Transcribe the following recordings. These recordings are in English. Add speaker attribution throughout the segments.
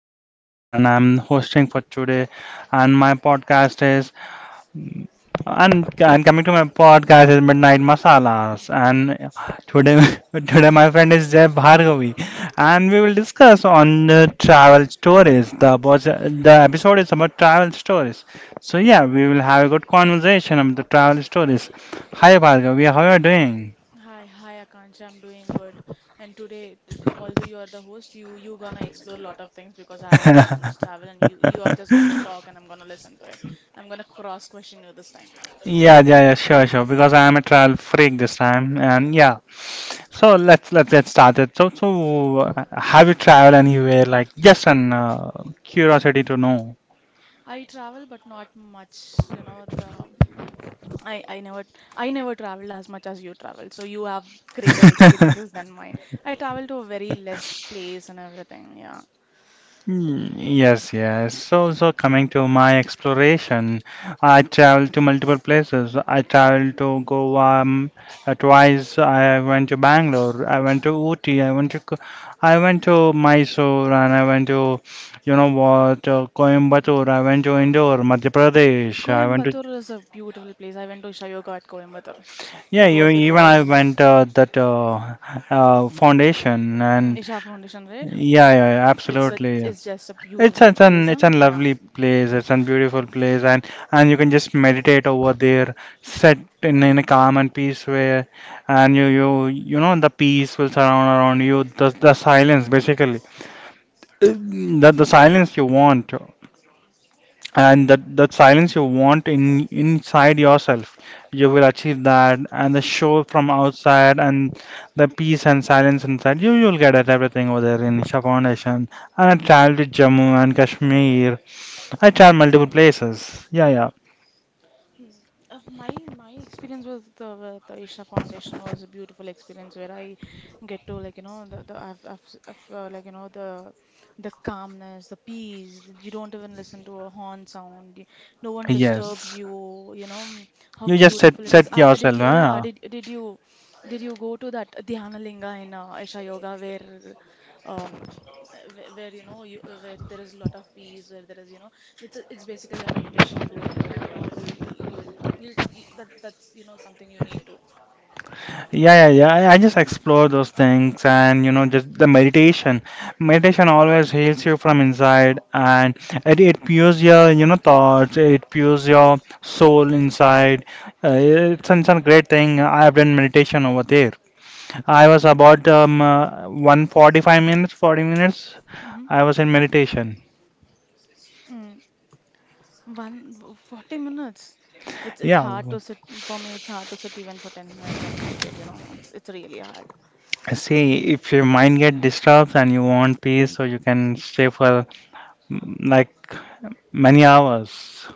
Speaker 1: is Akans and I'm hosting for today and my podcast is and coming to my podcast is Midnight Masalas, and today today my friend is Jay Bhargavi, and we will discuss on the travel stories. The episode is about travel stories. So yeah, we will have a good conversation about the travel stories. Hi Bhargavi, how are
Speaker 2: Hi, hi Akanksha, I'm doing good. And today, although you are the host, you gonna explore a lot of things because I
Speaker 1: you
Speaker 2: have
Speaker 1: doing?
Speaker 2: not much travel, and you are just gonna talk, and I'm gonna listen to it. I'm gonna cross question you this time.
Speaker 1: Yeah, yeah, yeah, sure, sure. Because I am a travel freak this time, and yeah. So let's get started. So have you traveled anywhere? Like, just an curiosity to know.
Speaker 2: I travel, but not much. You know, the I I never I never traveled as much as you traveled, so you have greater experiences than mine. I travel to a very less place and everything. Yeah,
Speaker 1: Mm, yes, yes. So coming to my exploration, I traveled to multiple places. I traveled to Goa twice. I went to Bangalore. I went to Ooty. I went to, I went to Mysore, and I went to, you know what, Coimbatore. I went to Indore, Madhya Pradesh. I went to,
Speaker 2: Coimbatore is a beautiful place. I went to Shayoga at Coimbatore.
Speaker 1: yeah,
Speaker 2: It
Speaker 1: you,
Speaker 2: was it
Speaker 1: even I
Speaker 2: was
Speaker 1: went that foundation, and
Speaker 2: Isha Foundation, right?
Speaker 1: yeah, yeah,
Speaker 2: It's a
Speaker 1: absolutely.
Speaker 2: it's just a
Speaker 1: It's
Speaker 2: beautiful
Speaker 1: it's
Speaker 2: place,
Speaker 1: an
Speaker 2: no?
Speaker 1: it's a
Speaker 2: Yeah.
Speaker 1: lovely place. It's a beautiful place, and you can just meditate over there, sit in a calm and peace way, and you know the peace will surround around you. The silence basically, the silence you want, and that silence you want in inside yourself, you will achieve that. And the show from outside, and the peace and silence inside, you'll get at everything over there in Isha Foundation. And I traveled to Jammu and Kashmir. I tried multiple places. Yeah, yeah.
Speaker 2: Mm, My my experience with the Isha Foundation was a beautiful experience where I get to the I've, s- I've, the calmness, the peace, that you don't even listen to a horn sound, no one disturbs
Speaker 1: Yes.
Speaker 2: you. How
Speaker 1: You just
Speaker 2: beautiful
Speaker 1: set
Speaker 2: it is.
Speaker 1: set yourself. Huh?
Speaker 2: Did you go to that Dhyana Linga in Isha Yoga where uh, where you know you where there is a lot of peace, where there is, you know, it's basically a meditation room and, you know, you you'll you, that that's, you know, something you need to.
Speaker 1: Yeah, yeah, yeah. I just explore those things and you know just the meditation. Meditation always heals you from inside and it pures your you know thoughts. It pures your soul inside. It's a great thing. I have done meditation over there. I was about 145 minutes, 40 minutes.
Speaker 2: Mm-hmm.
Speaker 1: I was in meditation.
Speaker 2: Mm. 40 minutes. It's
Speaker 1: Yeah.
Speaker 2: hard to sit for me. It's hard to sit even for 10 minutes and meditate. You know, it's really hard.
Speaker 1: See, if your mind get disturbed and you want peace, so you can stay for mm, like many hours.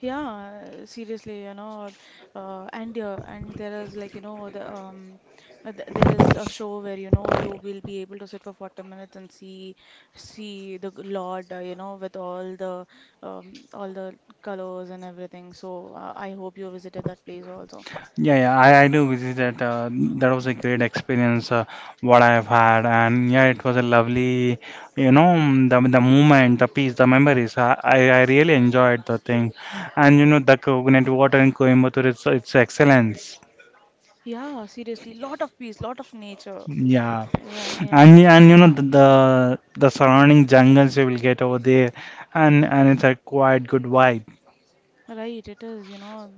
Speaker 2: Yeah, seriously, you know, and there is, the th there is a show where, you know, you will be able to sit for 40 minutes and see see the Lord, you know, with all the colors and everything. So I hope you visited that place also.
Speaker 1: Yeah, yeah, I do visit that. That was a great experience what I have had, and yeah, it was a lovely, you know, mm, the moment, the peace, the memories. I really enjoyed the thing, and you know, the coconut water in Coimbatore, it's excellence.
Speaker 2: Yeah, seriously, lot of peace, lot of nature.
Speaker 1: Yeah,
Speaker 2: Yeah, yeah,
Speaker 1: and you know the surrounding jungles you will get over there, and it's a quite good vibe.
Speaker 2: right. It is, you know,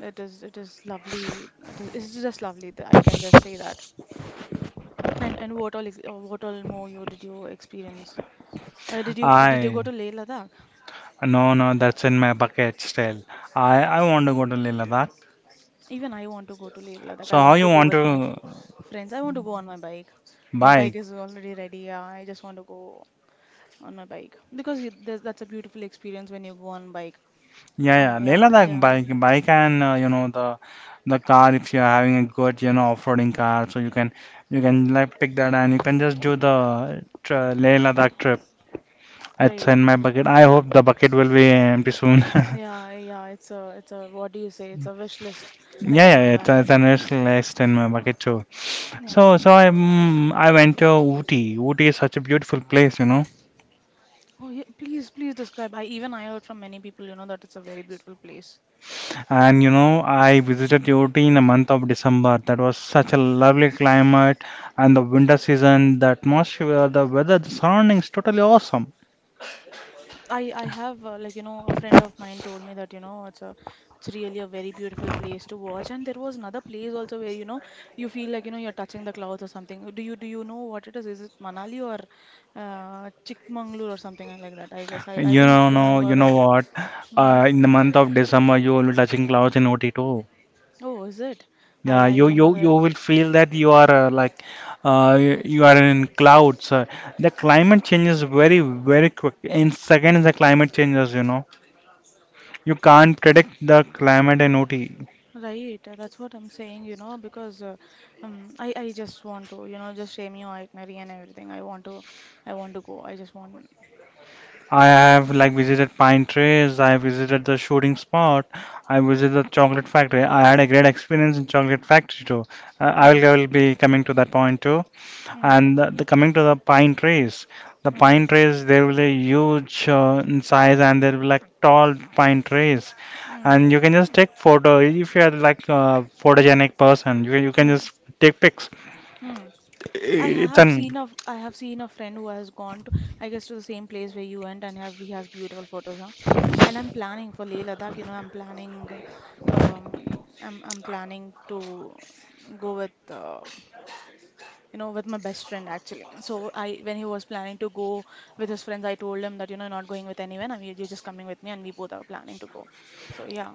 Speaker 2: it is lovely. It's just lovely. I can just say that. And what all more you did you experience? Did you go
Speaker 1: I
Speaker 2: to Leh Ladakh?
Speaker 1: No, no, that's in my bucket still. I want to go to Leh Ladakh.
Speaker 2: Even I want to go to Leh Ladakh. I
Speaker 1: So how
Speaker 2: wanted to
Speaker 1: you
Speaker 2: go
Speaker 1: want
Speaker 2: with my
Speaker 1: to
Speaker 2: friends. I want to go on my bike. My bike
Speaker 1: bike?
Speaker 2: is already ready. Yeah, I just want to go on my bike because that's a beautiful experience when you go on bike.
Speaker 1: Yeah,
Speaker 2: I
Speaker 1: yeah, Leh
Speaker 2: yeah
Speaker 1: Ladakh,
Speaker 2: yeah
Speaker 1: bike and you know the car if you're having a good you know off-roading car, so you can like pick that and you can just do the tr Leh Ladakh trip. It's
Speaker 2: right.
Speaker 1: in my bucket. I hope the bucket will be empty soon.
Speaker 2: Yeah, yeah. It's a what do you say? It's a wish list. It's on
Speaker 1: Yeah,
Speaker 2: my
Speaker 1: yeah, it's,
Speaker 2: bucket.
Speaker 1: it's an it's list in my bucket too.
Speaker 2: Yeah.
Speaker 1: So I went to Ooty. Ooty is such a beautiful place, you know.
Speaker 2: Oh yeah. Please describe. I even I heard from many people, you know, that it's a very beautiful place.
Speaker 1: And you know, I visited Ooty in the month of December. That was such a lovely climate, and the winter season, the atmosphere, the weather, the surroundings, totally awesome.
Speaker 2: I have, a friend of mine told me that, you know, it's really a very beautiful place to watch, and there was another place also where, you know, you feel like, you know, you're touching the clouds or something. Do you know what it is? Is it Manali or Chikmagalur or something like that? I guess I
Speaker 1: You know,
Speaker 2: don't
Speaker 1: no,
Speaker 2: remember
Speaker 1: You
Speaker 2: the.
Speaker 1: know what?
Speaker 2: Hmm.
Speaker 1: In the month of December, you will be touching clouds in Ooty too.
Speaker 2: Oh, is it? I
Speaker 1: Yeah,
Speaker 2: I
Speaker 1: you
Speaker 2: didn't
Speaker 1: you
Speaker 2: know that.
Speaker 1: you will feel that you are you you are in clouds. The climate changes very quick. In seconds, the climate changes. You know, you can't predict the climate in OT.
Speaker 2: Right, that's what I'm saying, you know, because I just want to, you know, just share me your itinerary and everything. I want to go. I just want.
Speaker 1: I have like visited pine trees. I visited the shooting spot. I visited the chocolate factory. I had a great experience in chocolate factory too.
Speaker 2: Mm,
Speaker 1: I will be coming to that point too.
Speaker 2: mm,
Speaker 1: And the coming to the
Speaker 2: mm.
Speaker 1: pine trees they will be huge in size, and they will be like tall pine trees.
Speaker 2: Mm,
Speaker 1: And you can just take photo if you are like a photogenic person. You can
Speaker 2: mm,
Speaker 1: just take pics.
Speaker 2: mm.
Speaker 1: It's an
Speaker 2: I have seen a friend who has gone to, I guess, to the same place where you went, and have he has beautiful photos, huh? And I'm planning for Leh Ladakh, you know, I'm planning, uh, um I'm planning to go with, you know, with my best friend actually. So I, when he was planning to go with his friends, I told him that, you know, you're not going with anyone, I mean, you're just coming with me, and we both are planning to go. So yeah,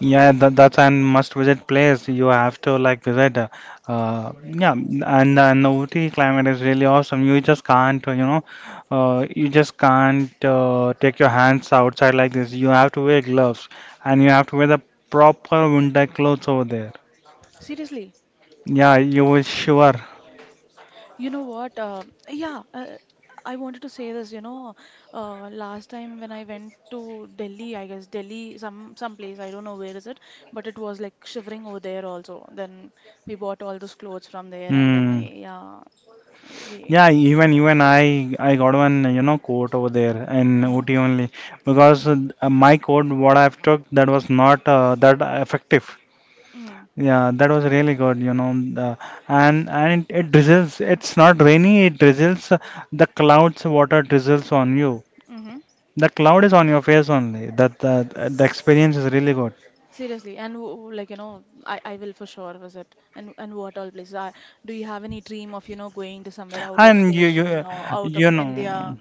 Speaker 1: Yeah, that, that's an must visit place. You have to like visit. Yeah, and the Ooty climate is really awesome. You just can't, you know, you just can't take your hands outside like this. You have to wear gloves and you have to wear the proper winter clothes over there.
Speaker 2: seriously.
Speaker 1: Yeah, you will sure.
Speaker 2: You know what? Yeah, I wanted to say this. You know, last time when I went to Delhi, I guess Delhi, some place, I don't know where is it, but it was like shivering over there also. Then we bought all those clothes from there, and then we,
Speaker 1: Mm.
Speaker 2: yeah, we,
Speaker 1: Yeah, even you and I got one, you know, coat over there in
Speaker 2: mm-hmm,
Speaker 1: Ooty only because my coat what I've took, that was not that effective.
Speaker 2: mm
Speaker 1: Yeah, that was really good, you know. And it drizzles. It's not rainy. It drizzles. The clouds, water drizzles on you.
Speaker 2: mm-hmm.
Speaker 1: The cloud is on your face only. That the experience is really good.
Speaker 2: Seriously, and I will for sure visit. And what all places? I, do you have any dream of, you know, going to somewhere out of
Speaker 1: And you
Speaker 2: station or out
Speaker 1: You
Speaker 2: of
Speaker 1: know
Speaker 2: India?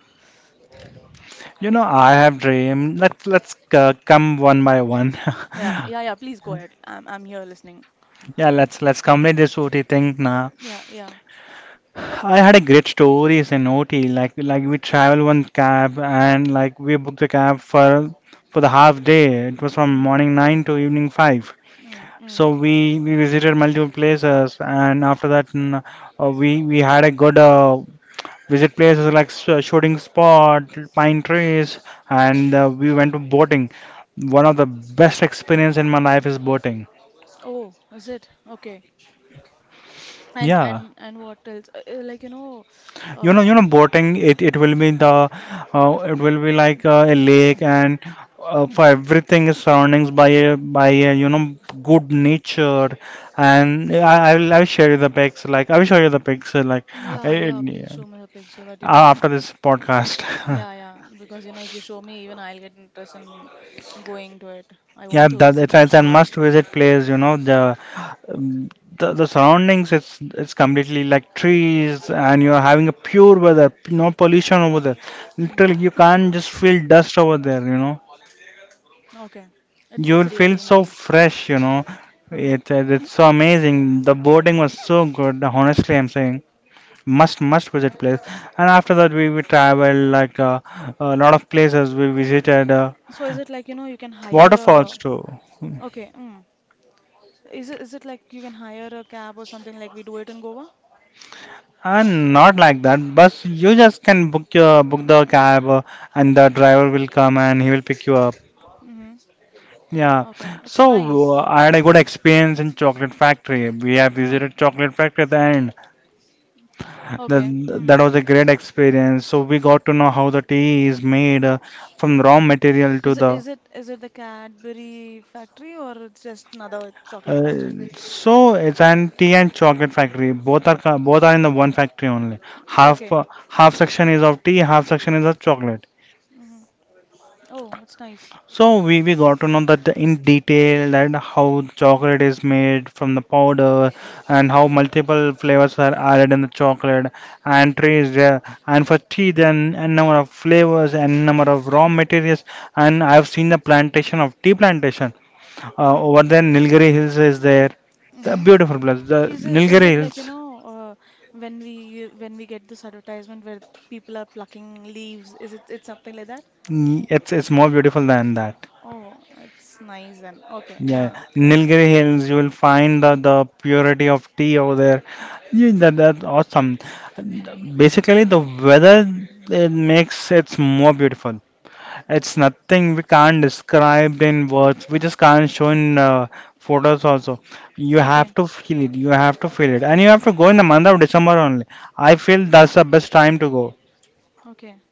Speaker 1: you know, I have dream. Let's come one by one.
Speaker 2: Yeah, yeah, yeah. Please go ahead. I'm here listening.
Speaker 1: Yeah, let's complete this Ooty thing now.
Speaker 2: Yeah, yeah.
Speaker 1: I had a great stories in OT. Like we travel one cab and like we booked the cab for the half day. It was from
Speaker 2: Mm-hmm.
Speaker 1: morning 9 to evening 5.
Speaker 2: Mm,
Speaker 1: So
Speaker 2: mm.
Speaker 1: we visited multiple places, and after that we had a good visit places like shooting spot, pine trees, and we went to boating. One of the best experience in my life is boating.
Speaker 2: Oh, is it? Okay.
Speaker 1: Yeah.
Speaker 2: And what else?
Speaker 1: You know,
Speaker 2: Um,
Speaker 1: boating, it will be the it will be like a lake, and for everything is surroundings by a you know good nature, and I will share you the pics. Like I will show you the pics I,
Speaker 2: yeah, yeah.
Speaker 1: yeah,
Speaker 2: Please show me the pics so that you know.
Speaker 1: After this podcast.
Speaker 2: Yeah, yeah. Because, you know, if you show me, even I'll get interest in going to it. I
Speaker 1: Yeah,
Speaker 2: want to
Speaker 1: that
Speaker 2: visit for
Speaker 1: it's a
Speaker 2: sure.
Speaker 1: must visit place, you know, um, the surroundings, it's completely like trees, and you're having a pure weather, no pollution over there.
Speaker 2: Mm-hmm.
Speaker 1: Literally you can't just feel dust over there, you know.
Speaker 2: Okay. It's
Speaker 1: You'll feel
Speaker 2: really
Speaker 1: so
Speaker 2: nice.
Speaker 1: fresh, you know.
Speaker 2: Uh-huh.
Speaker 1: It's so amazing. The boating was so good, honestly I'm saying. Must visit place. And after that we traveled like a lot of places. We visited
Speaker 2: So is it like, you know, you can hire a
Speaker 1: waterfalls too.
Speaker 2: okay? Mm. Is it like you can hire a cab or something like we do it in Goa?
Speaker 1: Not like that. Bus, you just can book the cab, and the driver will come and he will pick you up.
Speaker 2: Mm-hmm.
Speaker 1: Yeah.
Speaker 2: Okay, it's nice.
Speaker 1: So I had a good experience in chocolate factory. We have
Speaker 2: Oh,
Speaker 1: visited chocolate factory at the end.
Speaker 2: okay.
Speaker 1: That
Speaker 2: Hmm.
Speaker 1: that was a great experience. So we got to know how the tea is made from raw material to the.
Speaker 2: Is it the Cadbury factory or it's just another chocolate factory?
Speaker 1: So it's an tea and chocolate factory. Both are both are in the one factory only. Half
Speaker 2: Okay.
Speaker 1: half section is of tea, half section is of chocolate.
Speaker 2: Hmm. Oh, it's nice.
Speaker 1: So we got to know that in detail that how chocolate is made from the powder, and how multiple flavors are added in the chocolate and trees there, and for tea then a number of flavors and number of raw materials, and I have seen the plantation of tea plantation
Speaker 2: Hmm.
Speaker 1: over there. Nilgiri Hills is there, the
Speaker 2: Hmm.
Speaker 1: beautiful place, the
Speaker 2: Is
Speaker 1: Nilgiri
Speaker 2: it like, you
Speaker 1: Hills.
Speaker 2: know, uh, when we get this advertisement where people are plucking leaves? Is it It's something like that?
Speaker 1: Mm, it's more beautiful than that.
Speaker 2: Oh, it's nice then. Okay.
Speaker 1: Yeah,
Speaker 2: Yeah.
Speaker 1: Nilgiri Hills, you will find the purity of tea over there. Yeah, that, that's awesome. Basically, the weather it's more beautiful. It's nothing we can't describe in words. We just can't show in photos also. You have
Speaker 2: Okay.
Speaker 1: to feel it. You have to feel it, and you have to go in the month of December only. I feel that's the best time to go.
Speaker 2: Okay.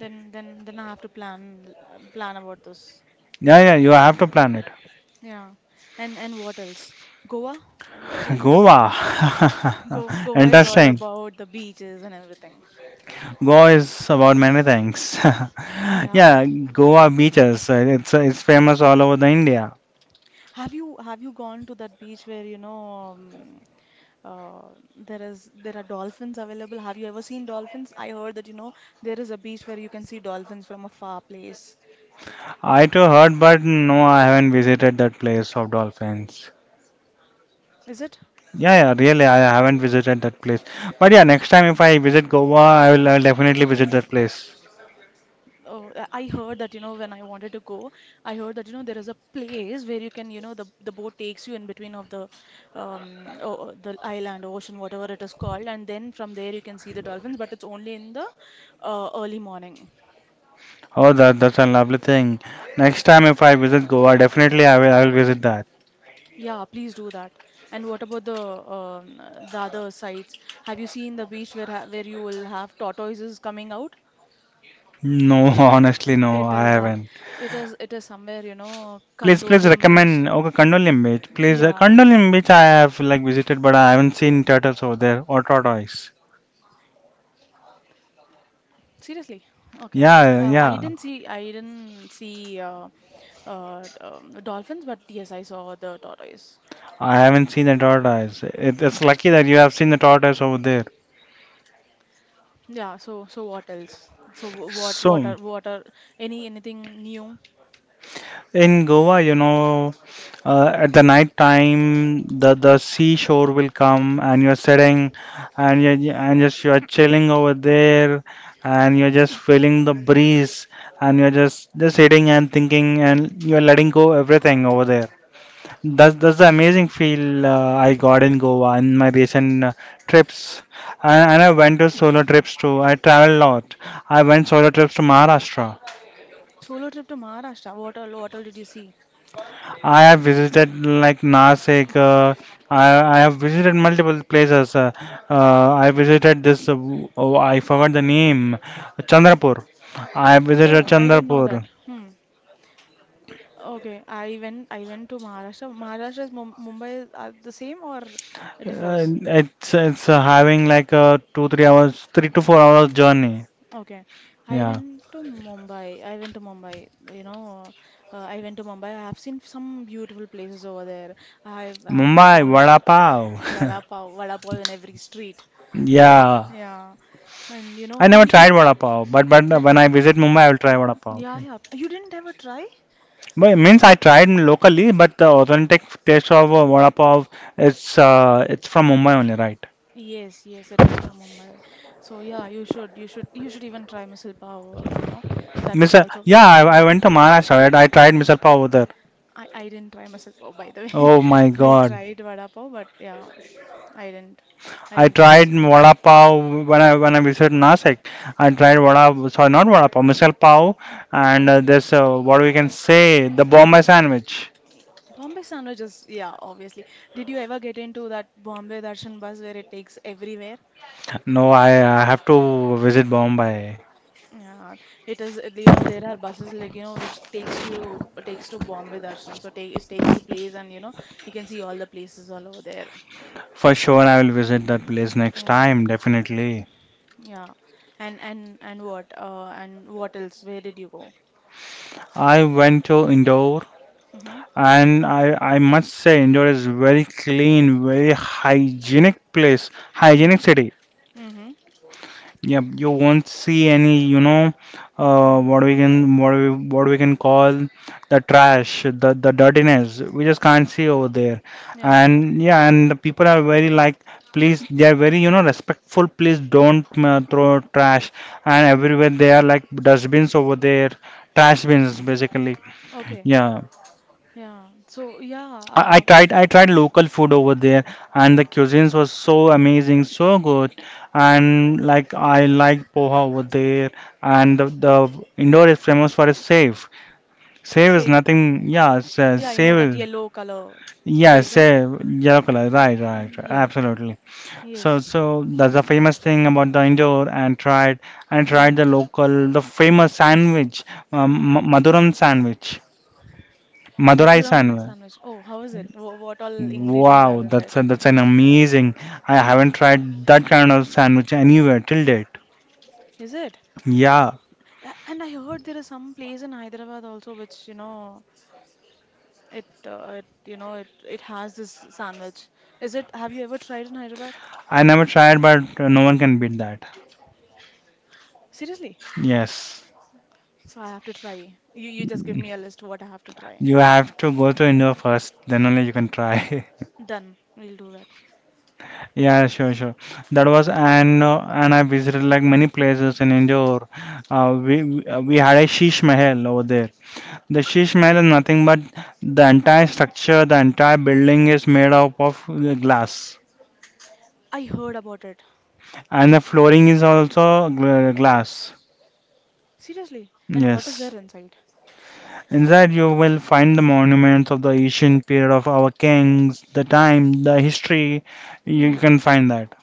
Speaker 2: Then then I have to plan about this.
Speaker 1: Yeah, yeah, you have to plan it.
Speaker 2: Yeah. And what else? Goa? Shall-
Speaker 1: Goa.
Speaker 2: Go Goa is all
Speaker 1: Interesting.
Speaker 2: about the beaches and everything.
Speaker 1: Goa is about many things.
Speaker 2: Yeah.
Speaker 1: Yeah, Goa beaches. It's famous all over the India.
Speaker 2: Have you gone to that beach where, you know, um, uh, there is, there are dolphins available? Have you ever seen dolphins? I heard that, you know, there is a beach where you can see dolphins from a far place.
Speaker 1: I too heard, but no, I haven't visited that place of dolphins.
Speaker 2: Is it?
Speaker 1: Yeah, yeah, really, I haven't visited that place. But yeah, next time if I visit Goa, I will definitely visit that place.
Speaker 2: Oh, I heard that, you know, when I wanted to go, I heard that, you know, there is a place where you can, you know, the boat takes you in between of the oh, the island, ocean, whatever it is called, and then from there you can see the dolphins, but it's only in the early morning.
Speaker 1: Oh, that that's a lovely thing. Next time if I visit Goa, definitely I will visit that.
Speaker 2: Yeah, please do that. And what about the other sites? Have you seen the beach where ha where you will have tortoises coming out?
Speaker 1: No, honestly, no,
Speaker 2: It
Speaker 1: I
Speaker 2: is act.
Speaker 1: haven't.
Speaker 2: It is somewhere, you know,
Speaker 1: Please, please
Speaker 2: Kandolium Beach.
Speaker 1: recommend. Okay, Condolim Beach. Please,
Speaker 2: Yeah.
Speaker 1: Condolim Beach. I have like visited, but I haven't seen turtles over there or tortoise.
Speaker 2: Seriously? Okay.
Speaker 1: Yeah, yeah.
Speaker 2: I didn't see dolphins, but yes, I saw the tortoise.
Speaker 1: I haven't seen the tortoise. It's lucky that you have seen the tortoise over there.
Speaker 2: Yeah. So so what else? So
Speaker 1: So,
Speaker 2: what are any anything new?
Speaker 1: in Goa, you know, at the night time, the seashore will come, and you're sitting, and you and just you're chilling over there, and you're just feeling the breeze, and you're just sitting and thinking, and you're letting go everything over there. That's the amazing feel I got in Goa in my recent trips, and I went to solo trips too. I travel a lot. I went solo trips to Maharashtra.
Speaker 2: Solo trip to Maharashtra. What all did you see?
Speaker 1: I have visited like Nasik. I have visited multiple places. I visited this. Oh, I forgot the name. Chandrapur. I have visited
Speaker 2: Oh, I didn't know
Speaker 1: Chandrapur.
Speaker 2: that. Hmm. Okay. I went to Maharashtra. Maharashtra's Mumbai are the same or it differs?
Speaker 1: It's having like a 2-3 hours, 3 to 4 hours journey.
Speaker 2: Okay, I
Speaker 1: Yeah.
Speaker 2: went to Mumbai. I went to Mumbai. I have seen some beautiful places over there. I have
Speaker 1: Mumbai,
Speaker 2: gone to
Speaker 1: vada pav.
Speaker 2: Vada Pav, Vada Pav in every street.
Speaker 1: Yeah,
Speaker 2: Yeah, and you
Speaker 1: I
Speaker 2: know,
Speaker 1: never
Speaker 2: and,
Speaker 1: tried vada pav, but
Speaker 2: and
Speaker 1: when I visit Mumbai, I will try vada pav.
Speaker 2: yeah, yeah. You didn't ever try?
Speaker 1: But means I tried locally, but the authentic taste of vada pav it's from Mumbai only, right?
Speaker 2: Yes, yes, it is from Mumbai. So yeah, you should even try misal pav. You know, that is
Speaker 1: Mr.
Speaker 2: also.
Speaker 1: Yeah, I went to Maharashtra. Right? I tried misal pav over there.
Speaker 2: I didn't try masala pav by the way.
Speaker 1: Oh my
Speaker 2: I
Speaker 1: God!
Speaker 2: tried vada pav, but yeah, I didn't. I
Speaker 1: I
Speaker 2: didn't try
Speaker 1: tried
Speaker 2: masala pav.
Speaker 1: vada pav when I visited Nasik. I tried
Speaker 2: Hmm.
Speaker 1: vada sorry not vada pav misal pav and this what we can say the Bombay sandwich.
Speaker 2: Bombay sandwich is, yeah, obviously. Did you ever get into that Bombay Darshan bus where it takes everywhere?
Speaker 1: No, I have to visit Bombay.
Speaker 2: Yeah, it is. You know, there are buses like, you know, which takes you takes to Bombay Darshan, so take it takes to place, and, you know, you can see all the places all over there.
Speaker 1: For sure, I will visit that place next
Speaker 2: Yeah,
Speaker 1: time, definitely.
Speaker 2: yeah. And what? And what else? Where did you go?
Speaker 1: I went to Indore
Speaker 2: Mm-hmm.
Speaker 1: and I must say Indore is very clean, very hygienic place, hygienic city.
Speaker 2: Mm-hmm.
Speaker 1: Yep, you won't see any, you know,
Speaker 2: Mm-hmm.
Speaker 1: what we can what we can call the trash, the dirtiness. We just can't see over there.
Speaker 2: Yeah.
Speaker 1: And yeah, and the people are very like, please, they are very, you know, respectful. Please don't throw trash. And everywhere they are like dustbins over there, trash bins basically.
Speaker 2: Okay.
Speaker 1: Yeah.
Speaker 2: Yeah. So yeah,
Speaker 1: I tried local food over there and the cuisines was so amazing, so good. And like I like poha over there and the Indore is famous for its save. Save is
Speaker 2: save.
Speaker 1: nothing yeah, it's,
Speaker 2: Yeah, I know
Speaker 1: save
Speaker 2: that
Speaker 1: is
Speaker 2: yellow color.
Speaker 1: yeah,
Speaker 2: Save, right?
Speaker 1: save yellow color, right,
Speaker 2: Yes.
Speaker 1: absolutely. So
Speaker 2: Yes.
Speaker 1: so that's the famous thing about the Indore and
Speaker 2: Mm-hmm.
Speaker 1: tried the local the famous sandwich,
Speaker 2: Mm.
Speaker 1: Madurai sandwich. Madurai
Speaker 2: Madhuram
Speaker 1: sandwich.
Speaker 2: sandwich. Oh, how is it? What all ingredients
Speaker 1: Wow,
Speaker 2: are in that?
Speaker 1: that's an amazing. I
Speaker 2: Hmm.
Speaker 1: haven't tried that kind of sandwich anywhere till date.
Speaker 2: Is it?
Speaker 1: Yeah,
Speaker 2: And I heard there is some place in Hyderabad also which, you know, it it has this sandwich. Is it? Have you ever tried in Hyderabad?
Speaker 1: I never tried, but no one can beat that.
Speaker 2: Seriously?
Speaker 1: Yes,
Speaker 2: So I have to try. You just give me a list what I have to try.
Speaker 1: you have to go to India first, then only you can try.
Speaker 2: Done. We'll do that.
Speaker 1: Yeah, sure. That was and I visited like many places in Indore. We had a Sheesh Mahal over there. The Sheesh Mahal is nothing but the entire structure, the entire building is made up of glass.
Speaker 2: I heard about it.
Speaker 1: And the flooring is also glass.
Speaker 2: Seriously? And what is
Speaker 1: Yes.
Speaker 2: there inside?
Speaker 1: Inside you will find the monuments of the ancient period of our kings, the time, the history. You
Speaker 2: Mm,
Speaker 1: can find that.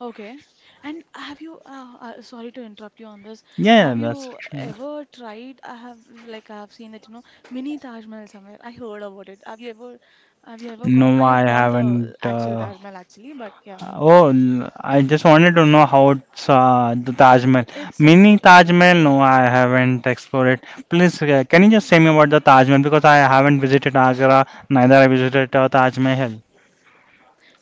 Speaker 2: okay. And have you, sorry to interrupt you on this,
Speaker 1: Yeah,
Speaker 2: have
Speaker 1: that's
Speaker 2: you
Speaker 1: true.
Speaker 2: ever tried? I have, like, I have seen that, you know, mini Taj Mahal somewhere. I heard about it. Have you ever gone?
Speaker 1: No,
Speaker 2: I
Speaker 1: I
Speaker 2: have gone the
Speaker 1: haven't.
Speaker 2: actual Taj Mahal actually, but yeah.
Speaker 1: I just wanted to know how it's, the Taj Mahal.
Speaker 2: It's a
Speaker 1: Mini Taj
Speaker 2: beautiful
Speaker 1: Mahal?
Speaker 2: place.
Speaker 1: No, I haven't explored it. Please, can you just say me about the Taj Mahal because I haven't visited Agra, neither I visited Taj Mahal.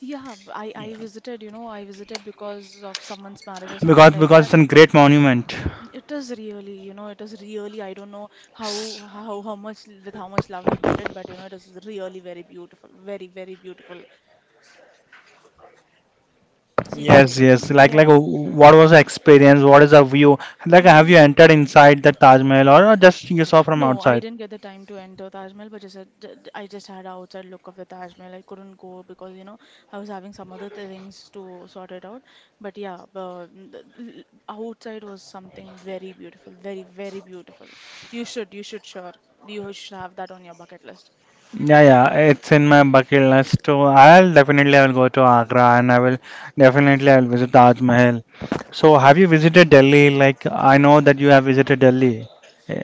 Speaker 2: Yeah, I visited, you know, I visited because of someone's marriage or something
Speaker 1: because
Speaker 2: like
Speaker 1: because
Speaker 2: that.
Speaker 1: it's a great monument.
Speaker 2: It is really, you know, it is really. I don't know how much with how much love I built it, but you know, it is really very beautiful, very beautiful.
Speaker 1: Yes,
Speaker 2: Seriously,
Speaker 1: yes. Like,
Speaker 2: yeah.
Speaker 1: what was the experience? What is the view? Like,
Speaker 2: You
Speaker 1: have
Speaker 2: know,
Speaker 1: you entered inside the Taj Mahal or just you saw from
Speaker 2: no, I
Speaker 1: outside?
Speaker 2: didn't get the time to enter Taj Mahal, but just I just had a outside look of the Taj Mahal. I couldn't go because you know I was having some other things to sort it out. But yeah, the outside was something very beautiful, very beautiful. You should you should have that on your bucket list.
Speaker 1: Yeah, yeah. It's in my bucket list too. I'll go to Agra and I will definitely I'll visit Taj Mahal. So, have you visited Delhi? Like, I know that you have visited Delhi. Eh,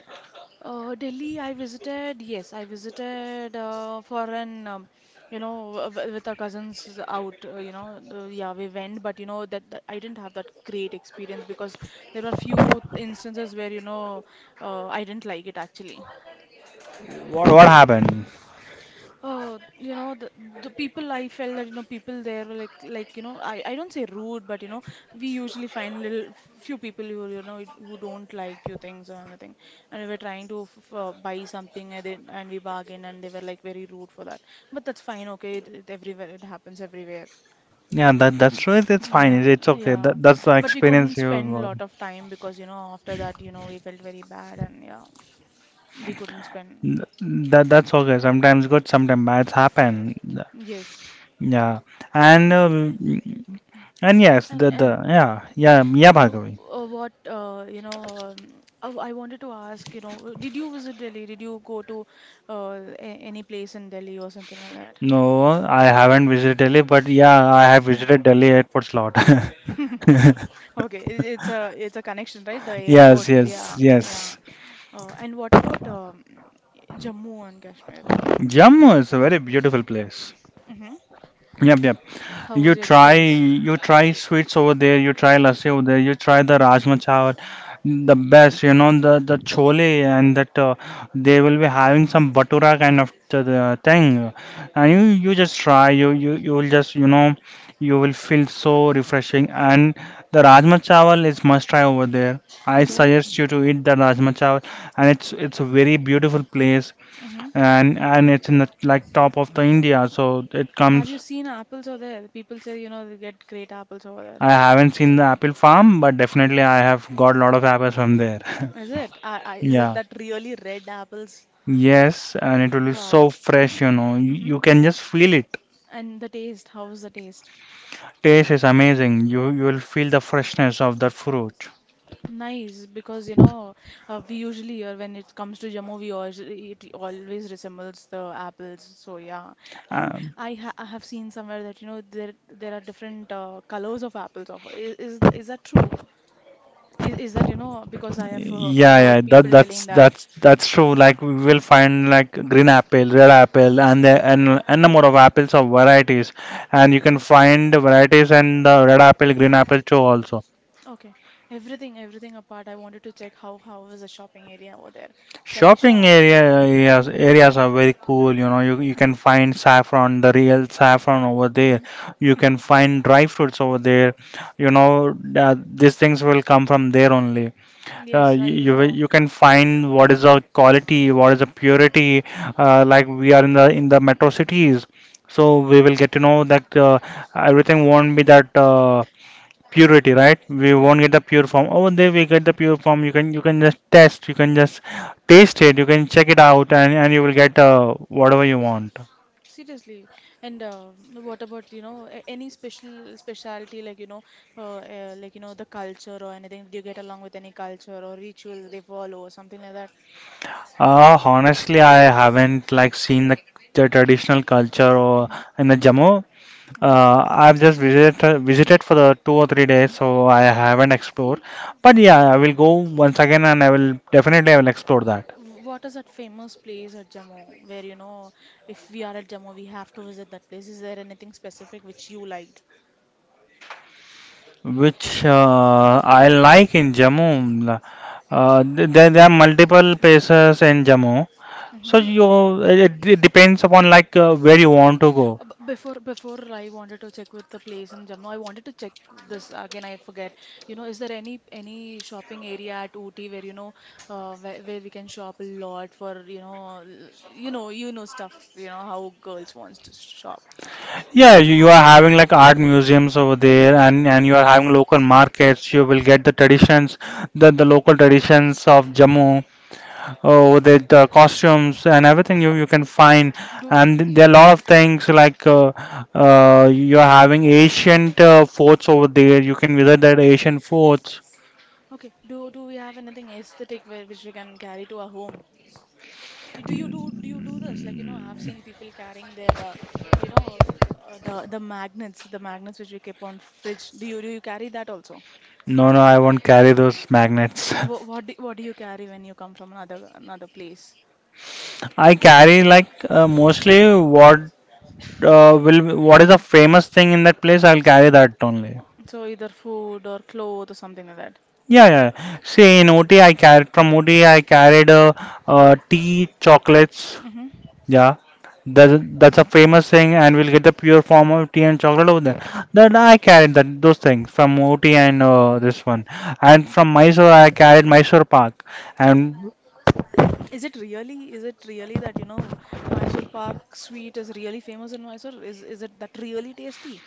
Speaker 2: Delhi, I visited, yes, I visited for an, you know, with our cousins out, you know, the, yeah, we went, but you know, that I didn't have that great experience because there were few instances where, you know, I didn't like it actually.
Speaker 1: what? What happened?
Speaker 2: You know the people, I felt that you know people there were like, you know, I don't say rude, but you know we usually find little few people who you know who don't like few things or anything, and we were trying to f buy something, and we bargain and they were like very rude for that. But that's fine, okay, it everywhere, it happens everywhere.
Speaker 1: Yeah, that's true. It's fine.
Speaker 2: Yeah,
Speaker 1: It's okay.
Speaker 2: yeah.
Speaker 1: That's the
Speaker 2: But we couldn't
Speaker 1: experience you
Speaker 2: spend a
Speaker 1: got.
Speaker 2: lot of time, because you know after that, you know, we felt very bad, and yeah, we couldn't spend.
Speaker 1: That's okay. Sometimes good, sometimes bad. Happen.
Speaker 2: Yes.
Speaker 1: Yeah, and um, and yes,
Speaker 2: And
Speaker 1: the
Speaker 2: and
Speaker 1: yeah yeah yeah
Speaker 2: Uh,
Speaker 1: Bhargavi.
Speaker 2: what you know, oh, I wanted to ask, you know, did you visit Delhi? Did you go to any place in Delhi or something like that?
Speaker 1: No, I haven't visited Delhi, but yeah, I have
Speaker 2: Mm.
Speaker 1: visited Delhi airports lot.
Speaker 2: Okay, it's a, it's a connection, right? The
Speaker 1: Yes,
Speaker 2: airport,
Speaker 1: yes,
Speaker 2: yeah, yeah.
Speaker 1: yes.
Speaker 2: And what about Jammu and Kashmir?
Speaker 1: Jammu is a very beautiful place.
Speaker 2: Hmm.
Speaker 1: Yeah, yeah.
Speaker 2: How was your experience?
Speaker 1: You try sweets over there. You try lassi over there. You try the rajma chawal, the best. You know the chole and that they will be having some batura kind of the thing, and
Speaker 2: Mm.
Speaker 1: you just try. You will just you know you will feel so refreshing. And the rajma chawal is must try over there. I
Speaker 2: Okay.
Speaker 1: suggest you to eat the rajma chawal, and it's a very beautiful place,
Speaker 2: Hmm.
Speaker 1: and it's in the like top of the India, so it
Speaker 2: Have
Speaker 1: comes.
Speaker 2: you seen apples over there? People say, you know, they get great apples over there.
Speaker 1: I haven't seen the apple farm, but definitely I have got a lot of apples from there.
Speaker 2: Is it? Is it
Speaker 1: Yeah.
Speaker 2: that really red apples?
Speaker 1: Yes, and it will be so
Speaker 2: Wow.
Speaker 1: fresh, you know. You
Speaker 2: Mm-hmm.
Speaker 1: can just feel it.
Speaker 2: And the taste, how's the taste?
Speaker 1: Taste is amazing. You will feel the freshness of that fruit.
Speaker 2: Nice, because you know, we usually hear when it comes to Jammu, we al it always resembles the apples. So yeah, and
Speaker 1: Um,
Speaker 2: I have seen somewhere that you know there there are different colors of apples. Of is, th- Is that true? Is that, you know, because I have heard people telling that.
Speaker 1: that's true. Like we will find like green apple, red apple, and the and a number of apples of varieties, and you can find varieties and the red apple, green apple too also.
Speaker 2: Okay, everything apart, I wanted to check how is the shopping area over there? Can we shop?
Speaker 1: Areas are very cool. You know, you can find saffron, the real saffron over there.
Speaker 2: Mm-hmm.
Speaker 1: You
Speaker 2: Mm-hmm.
Speaker 1: can find dry fruits over there. You know, these things will come from there only.
Speaker 2: Yes, I know.
Speaker 1: You can find what is the quality, what is the purity. Like we are in the metro cities, so we will get to know that everything won't be that. Purity right we won't
Speaker 2: Right.
Speaker 1: get the pure form over there we get the pure form you can just test you can just taste it you can check it out and you will get whatever you want.
Speaker 2: Seriously, and what about, you know, any special specialty, like you know, like you know the culture or anything? Do you get along with any culture or ritual they follow or something like that?
Speaker 1: Honestly, I haven't like seen the traditional culture or
Speaker 2: Mm-hmm.
Speaker 1: in the jammu
Speaker 2: Mm-hmm.
Speaker 1: uh, I've just visited for the 2 or 3 days so I haven't explored but
Speaker 2: Okay.
Speaker 1: yeah I will go once again and I will explore that.
Speaker 2: What is that famous place at Jammu where you know if we are at Jammu we have to visit that place? Is there anything specific which you liked?
Speaker 1: Which I like in Jammu. There, there are multiple places in Jammu, so
Speaker 2: Mm-hmm.
Speaker 1: you it depends upon like where you want to go.
Speaker 2: Before I wanted to check with the place in Jammu, I wanted to check this again. I forget. You know, is there any shopping area at Ooty where you know where we can shop a lot for you know you know, you know stuff, you know how girls wants to shop.
Speaker 1: Yeah, you are having like art museums over there, and you are having local markets. You will get the traditions, the local traditions of Jammu. Oh, the costumes and everything you can find,
Speaker 2: Do
Speaker 1: and there are a lot of things like you're having ancient forts over there. You can visit that ancient forts.
Speaker 2: okay. Do we have anything aesthetic where which we can carry to our home? Do you do this? Like you know, I have seen
Speaker 1: Mm,
Speaker 2: people carrying their you know the magnets which we keep on fridge. Do you carry that also?
Speaker 1: no, I won't carry those magnets.
Speaker 2: What do you carry when you come from another another place?
Speaker 1: I carry like mostly what will what is a famous thing in that place. I'll carry that only.
Speaker 2: So either food or clothes or something like that.
Speaker 1: Yeah. See, in OT, carried from OT, I carried tea, chocolates.
Speaker 2: Hmm.
Speaker 1: Yeah, that's a famous thing, and we'll get the pure form of tea and chocolate over there. That I carried that those things from Ooty and this one, and from Mysore I carried Mysore Pak, and
Speaker 2: Is it really that, you know, Mysore Pak sweet is really famous in Mysore? Is it that really tasty?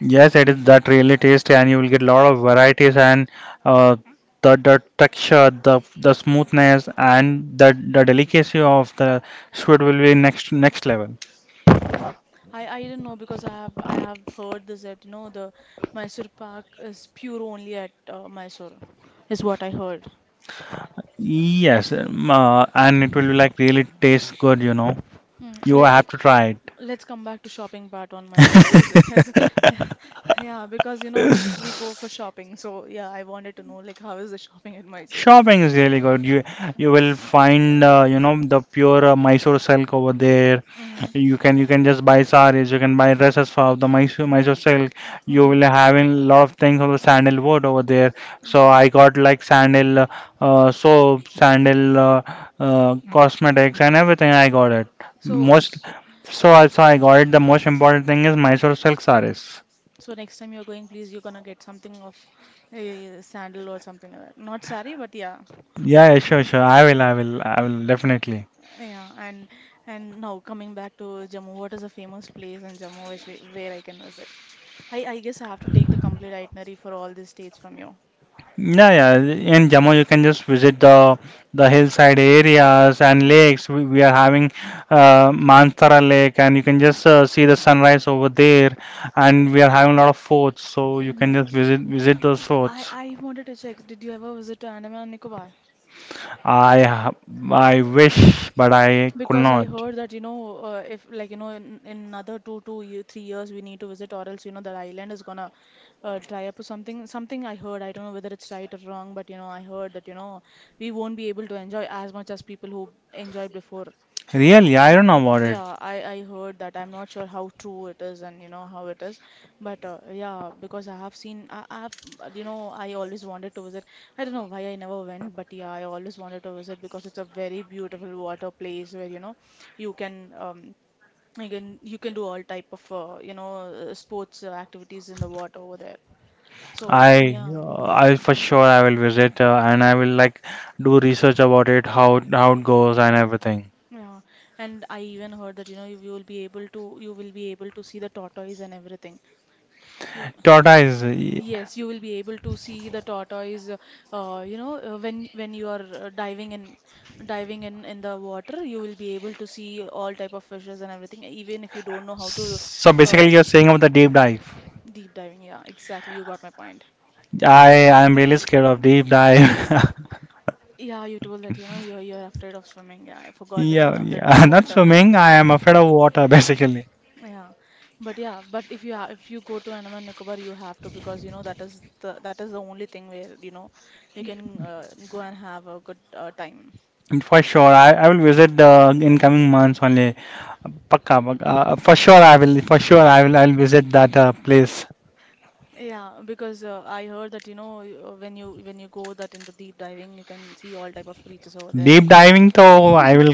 Speaker 1: yes, it is that really tasty, and you will get a lot of varieties and uh, the texture, the smoothness, and the delicacy of the sweet will be next level.
Speaker 2: Hmm. I didn't know because I have heard this that you know the Mysore Pak is pure only at Mysore, is what I heard.
Speaker 1: Yes, and it will be like really taste good, you know.
Speaker 2: Hmm.
Speaker 1: You have to try it.
Speaker 2: Let's come back to shopping part on Mysore. Is yeah, because you know we go for shopping. So yeah, I wanted to know like how is the shopping in Mysore?
Speaker 1: Shopping is really good. You will find you know the pure Mysore silk over there.
Speaker 2: Mm-hmm.
Speaker 1: You can just buy saris. You can buy dresses for the Mysore silk. You
Speaker 2: Mm-hmm.
Speaker 1: will having a lot of things of the sandalwood over there. So
Speaker 2: Okay.
Speaker 1: I got like sandal soap, sandal cosmetics, and everything. I got it.
Speaker 2: So
Speaker 1: Most
Speaker 2: s-
Speaker 1: so I got it. The most important thing is Mysore silk saris.
Speaker 2: so next time you're going, please, you're gonna get something of a sandal or something like that. Not sari, but yeah.
Speaker 1: Yeah, yeah, sure.
Speaker 2: Uh,
Speaker 1: I will definitely.
Speaker 2: Yeah, and now coming back to Jammu, what is a famous place in Jammu which we, where I can visit? I guess I have to take the complete itinerary for all these states from you.
Speaker 1: Yeah, yeah. In Jammu, you can just visit the hillside areas and
Speaker 2: Mm.
Speaker 1: lakes. We are having Manthara Lake, and you can just see the sunrise over there. And we are having a lot of forts, so you
Speaker 2: Hmm.
Speaker 1: can just visit those forts.
Speaker 2: I wanted to check, did you ever visit to Andaman and Nicobar?
Speaker 1: I ha- I wish, but I could
Speaker 2: Because I
Speaker 1: not.
Speaker 2: heard that, you know, if like, you know, in another 3 years we need to visit, or else, you know, the island is gonna dry up or something. Something I heard, I don't know whether it's right or wrong, but you know, I heard that, you know, we won't be able to enjoy as much as people who enjoyed before.
Speaker 1: Really, I
Speaker 2: Mm,
Speaker 1: don't know about it.
Speaker 2: Yeah, I heard that. I'm not sure how true it is, and you know how it is, but yeah, because I have seen I've you know, I always wanted to visit. I don't know why I never went, but yeah, I always wanted to visit because it's a very beautiful water place where you know you can you can you can do all type of you know sports activities in the water over there. So yeah,
Speaker 1: I for sure I will visit and I will like do research about it, how it goes and everything.
Speaker 2: yeah, and I even heard that you know you will be able to, you will be able to see the tortoise and everything. You.
Speaker 1: Tortoise.
Speaker 2: Yes, you will be able to see the tortoise, you know, when you are diving in, in the water, you will be able to see all type of fishes and everything, even if you don't know how to
Speaker 1: So basically,
Speaker 2: uh,
Speaker 1: you're saying about the deep dive.
Speaker 2: deep diving. Yeah, exactly. You got my point.
Speaker 1: I am really scared of deep dive.
Speaker 2: Yeah, you told that, you know, you're afraid of swimming. Yeah, I forgot that you're
Speaker 1: Yeah,
Speaker 2: afraid of
Speaker 1: yeah. Not
Speaker 2: water.
Speaker 1: swimming. I am afraid of water, basically.
Speaker 2: Yeah, yeah, but if you go to Andaman and Nicobar, you have to, because you know that is the, that is the only thing where you know you can go and have a good time.
Speaker 1: For sure, I will visit the incoming months only. Pakka, pakka. For sure, I will. For sure, I will. I will visit that place.
Speaker 2: Yeah, because I heard that you know when you, when you go that into deep diving, you can see all type of creatures over there.
Speaker 1: Deep diving, though, I will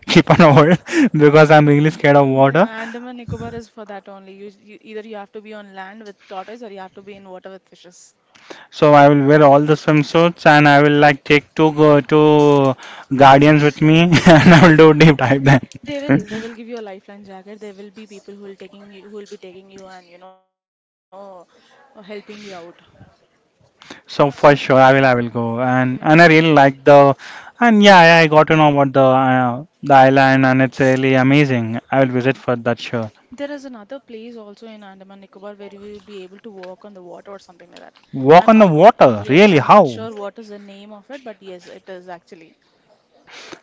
Speaker 1: keep on hold because I'm really scared of
Speaker 2: And then
Speaker 1: water.
Speaker 2: Andaman Nicobar is for that only. You either you have to be on land with tortoise or you have to be in water with fishes.
Speaker 1: So I will wear all the swimsuits and I will like take two go two guardians with me and I will do deep dive
Speaker 2: They
Speaker 1: then.
Speaker 2: they will they will give you a lifeline jacket. There will be people who will taking you, who will be taking you, and you know helping you out.
Speaker 1: So for sure, I will.
Speaker 2: Yeah,
Speaker 1: I will go, and
Speaker 2: yeah,
Speaker 1: I
Speaker 2: yeah.
Speaker 1: really like and yeah, yeah, I got to know about the island, and it's really amazing. I will visit for that sure.
Speaker 2: There is another place also in Andaman Nicobar where you will be able to walk on the water or something like that.
Speaker 1: Walk
Speaker 2: I'm
Speaker 1: on the
Speaker 2: not,
Speaker 1: water,
Speaker 2: Yes,
Speaker 1: really?
Speaker 2: I'm not
Speaker 1: How?
Speaker 2: sure what is the name of it, but yes, it is actually.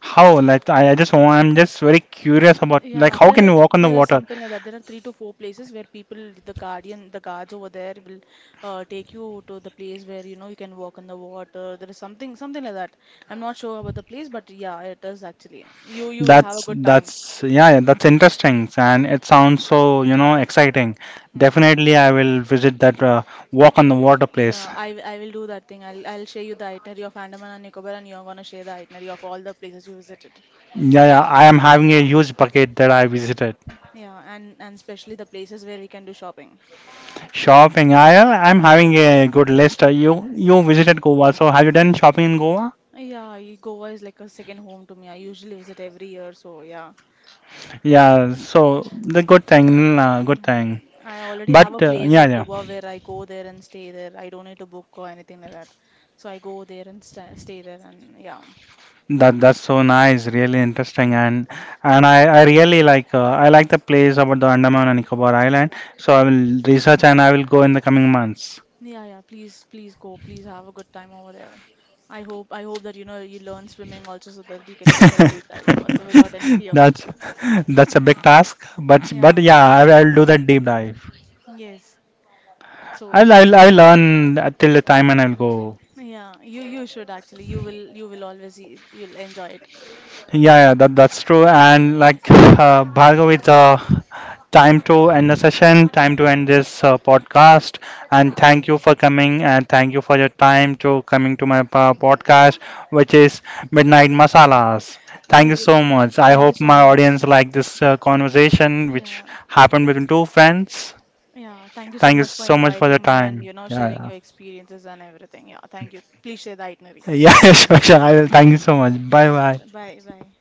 Speaker 1: How? Like, I just want. I'm just very curious about like
Speaker 2: Yeah,
Speaker 1: how can you walk on the
Speaker 2: there is
Speaker 1: water?
Speaker 2: something like that. There are 3 to 4 places where people, the guardian, the guards over there will take you to the place where you know you can walk on the water. There is something something like that. I'm not sure about the place, but yeah, it is actually. You will have a good time.
Speaker 1: Yeah, that's interesting, and it sounds so you know exciting.
Speaker 2: Hmm.
Speaker 1: Definitely, I will visit that walk on the water place.
Speaker 2: Yeah, I will do that thing. I'll share you the itinerary of Andaman and Nicobar, and you're gonna share the itinerary of all the places you visited.
Speaker 1: Yeah, yeah, I am having a huge bucket that I visited.
Speaker 2: Yeah, and especially the places where we can do shopping.
Speaker 1: Shopping. I'm having a good list. You you visited Goa, so have you done shopping in Goa?
Speaker 2: Yeah, Goa is like a second home to me. I usually visit every year, so yeah.
Speaker 1: Yeah. So the good thing,
Speaker 2: And,
Speaker 1: good thing.
Speaker 2: I already have
Speaker 1: But
Speaker 2: a place
Speaker 1: yeah,
Speaker 2: at
Speaker 1: yeah.
Speaker 2: Goa where I go there and stay there. I don't need to book or anything like that. So I go there and stay there, and yeah.
Speaker 1: That that's so nice. Really interesting.
Speaker 2: Hmm.
Speaker 1: And I really like I like the place about the Andaman and Nicobar Island. So I will research and I will go in the coming months.
Speaker 2: Yeah, yeah, please, please go. Please have a good time over there. I hope that you know you learn swimming also so that you can go for a deep diving also without any fear.
Speaker 1: That's that's a big task,
Speaker 2: Yeah.
Speaker 1: but yeah, I'll do that deep dive.
Speaker 2: Yes. So s-
Speaker 1: I'll learn till the time and I'll go.
Speaker 2: yeah, you should actually. You will always you'll enjoy it.
Speaker 1: Yeah, yeah, that's true. And like Bhargav, it's time to end the session, time to end this podcast. And thank you for coming, and thank you for your time to coming to my podcast, which is Midnight Masalas. Thank you
Speaker 2: Thank you.
Speaker 1: so much. I
Speaker 2: Thank you
Speaker 1: hope
Speaker 2: so
Speaker 1: my
Speaker 2: much.
Speaker 1: audience like this conversation, which
Speaker 2: Yeah.
Speaker 1: happened between two friends.
Speaker 2: Yeah, thank you so
Speaker 1: Thank you
Speaker 2: much for
Speaker 1: so much for your
Speaker 2: inviting me and
Speaker 1: time.
Speaker 2: you know sharing
Speaker 1: Yeah,
Speaker 2: your experiences and everything. Yeah, thank you. Please share the itinerary.
Speaker 1: yeah, yeah, sure. I will. Thank you so much. Bye,
Speaker 2: Yeah.
Speaker 1: bye.
Speaker 2: Bye bye.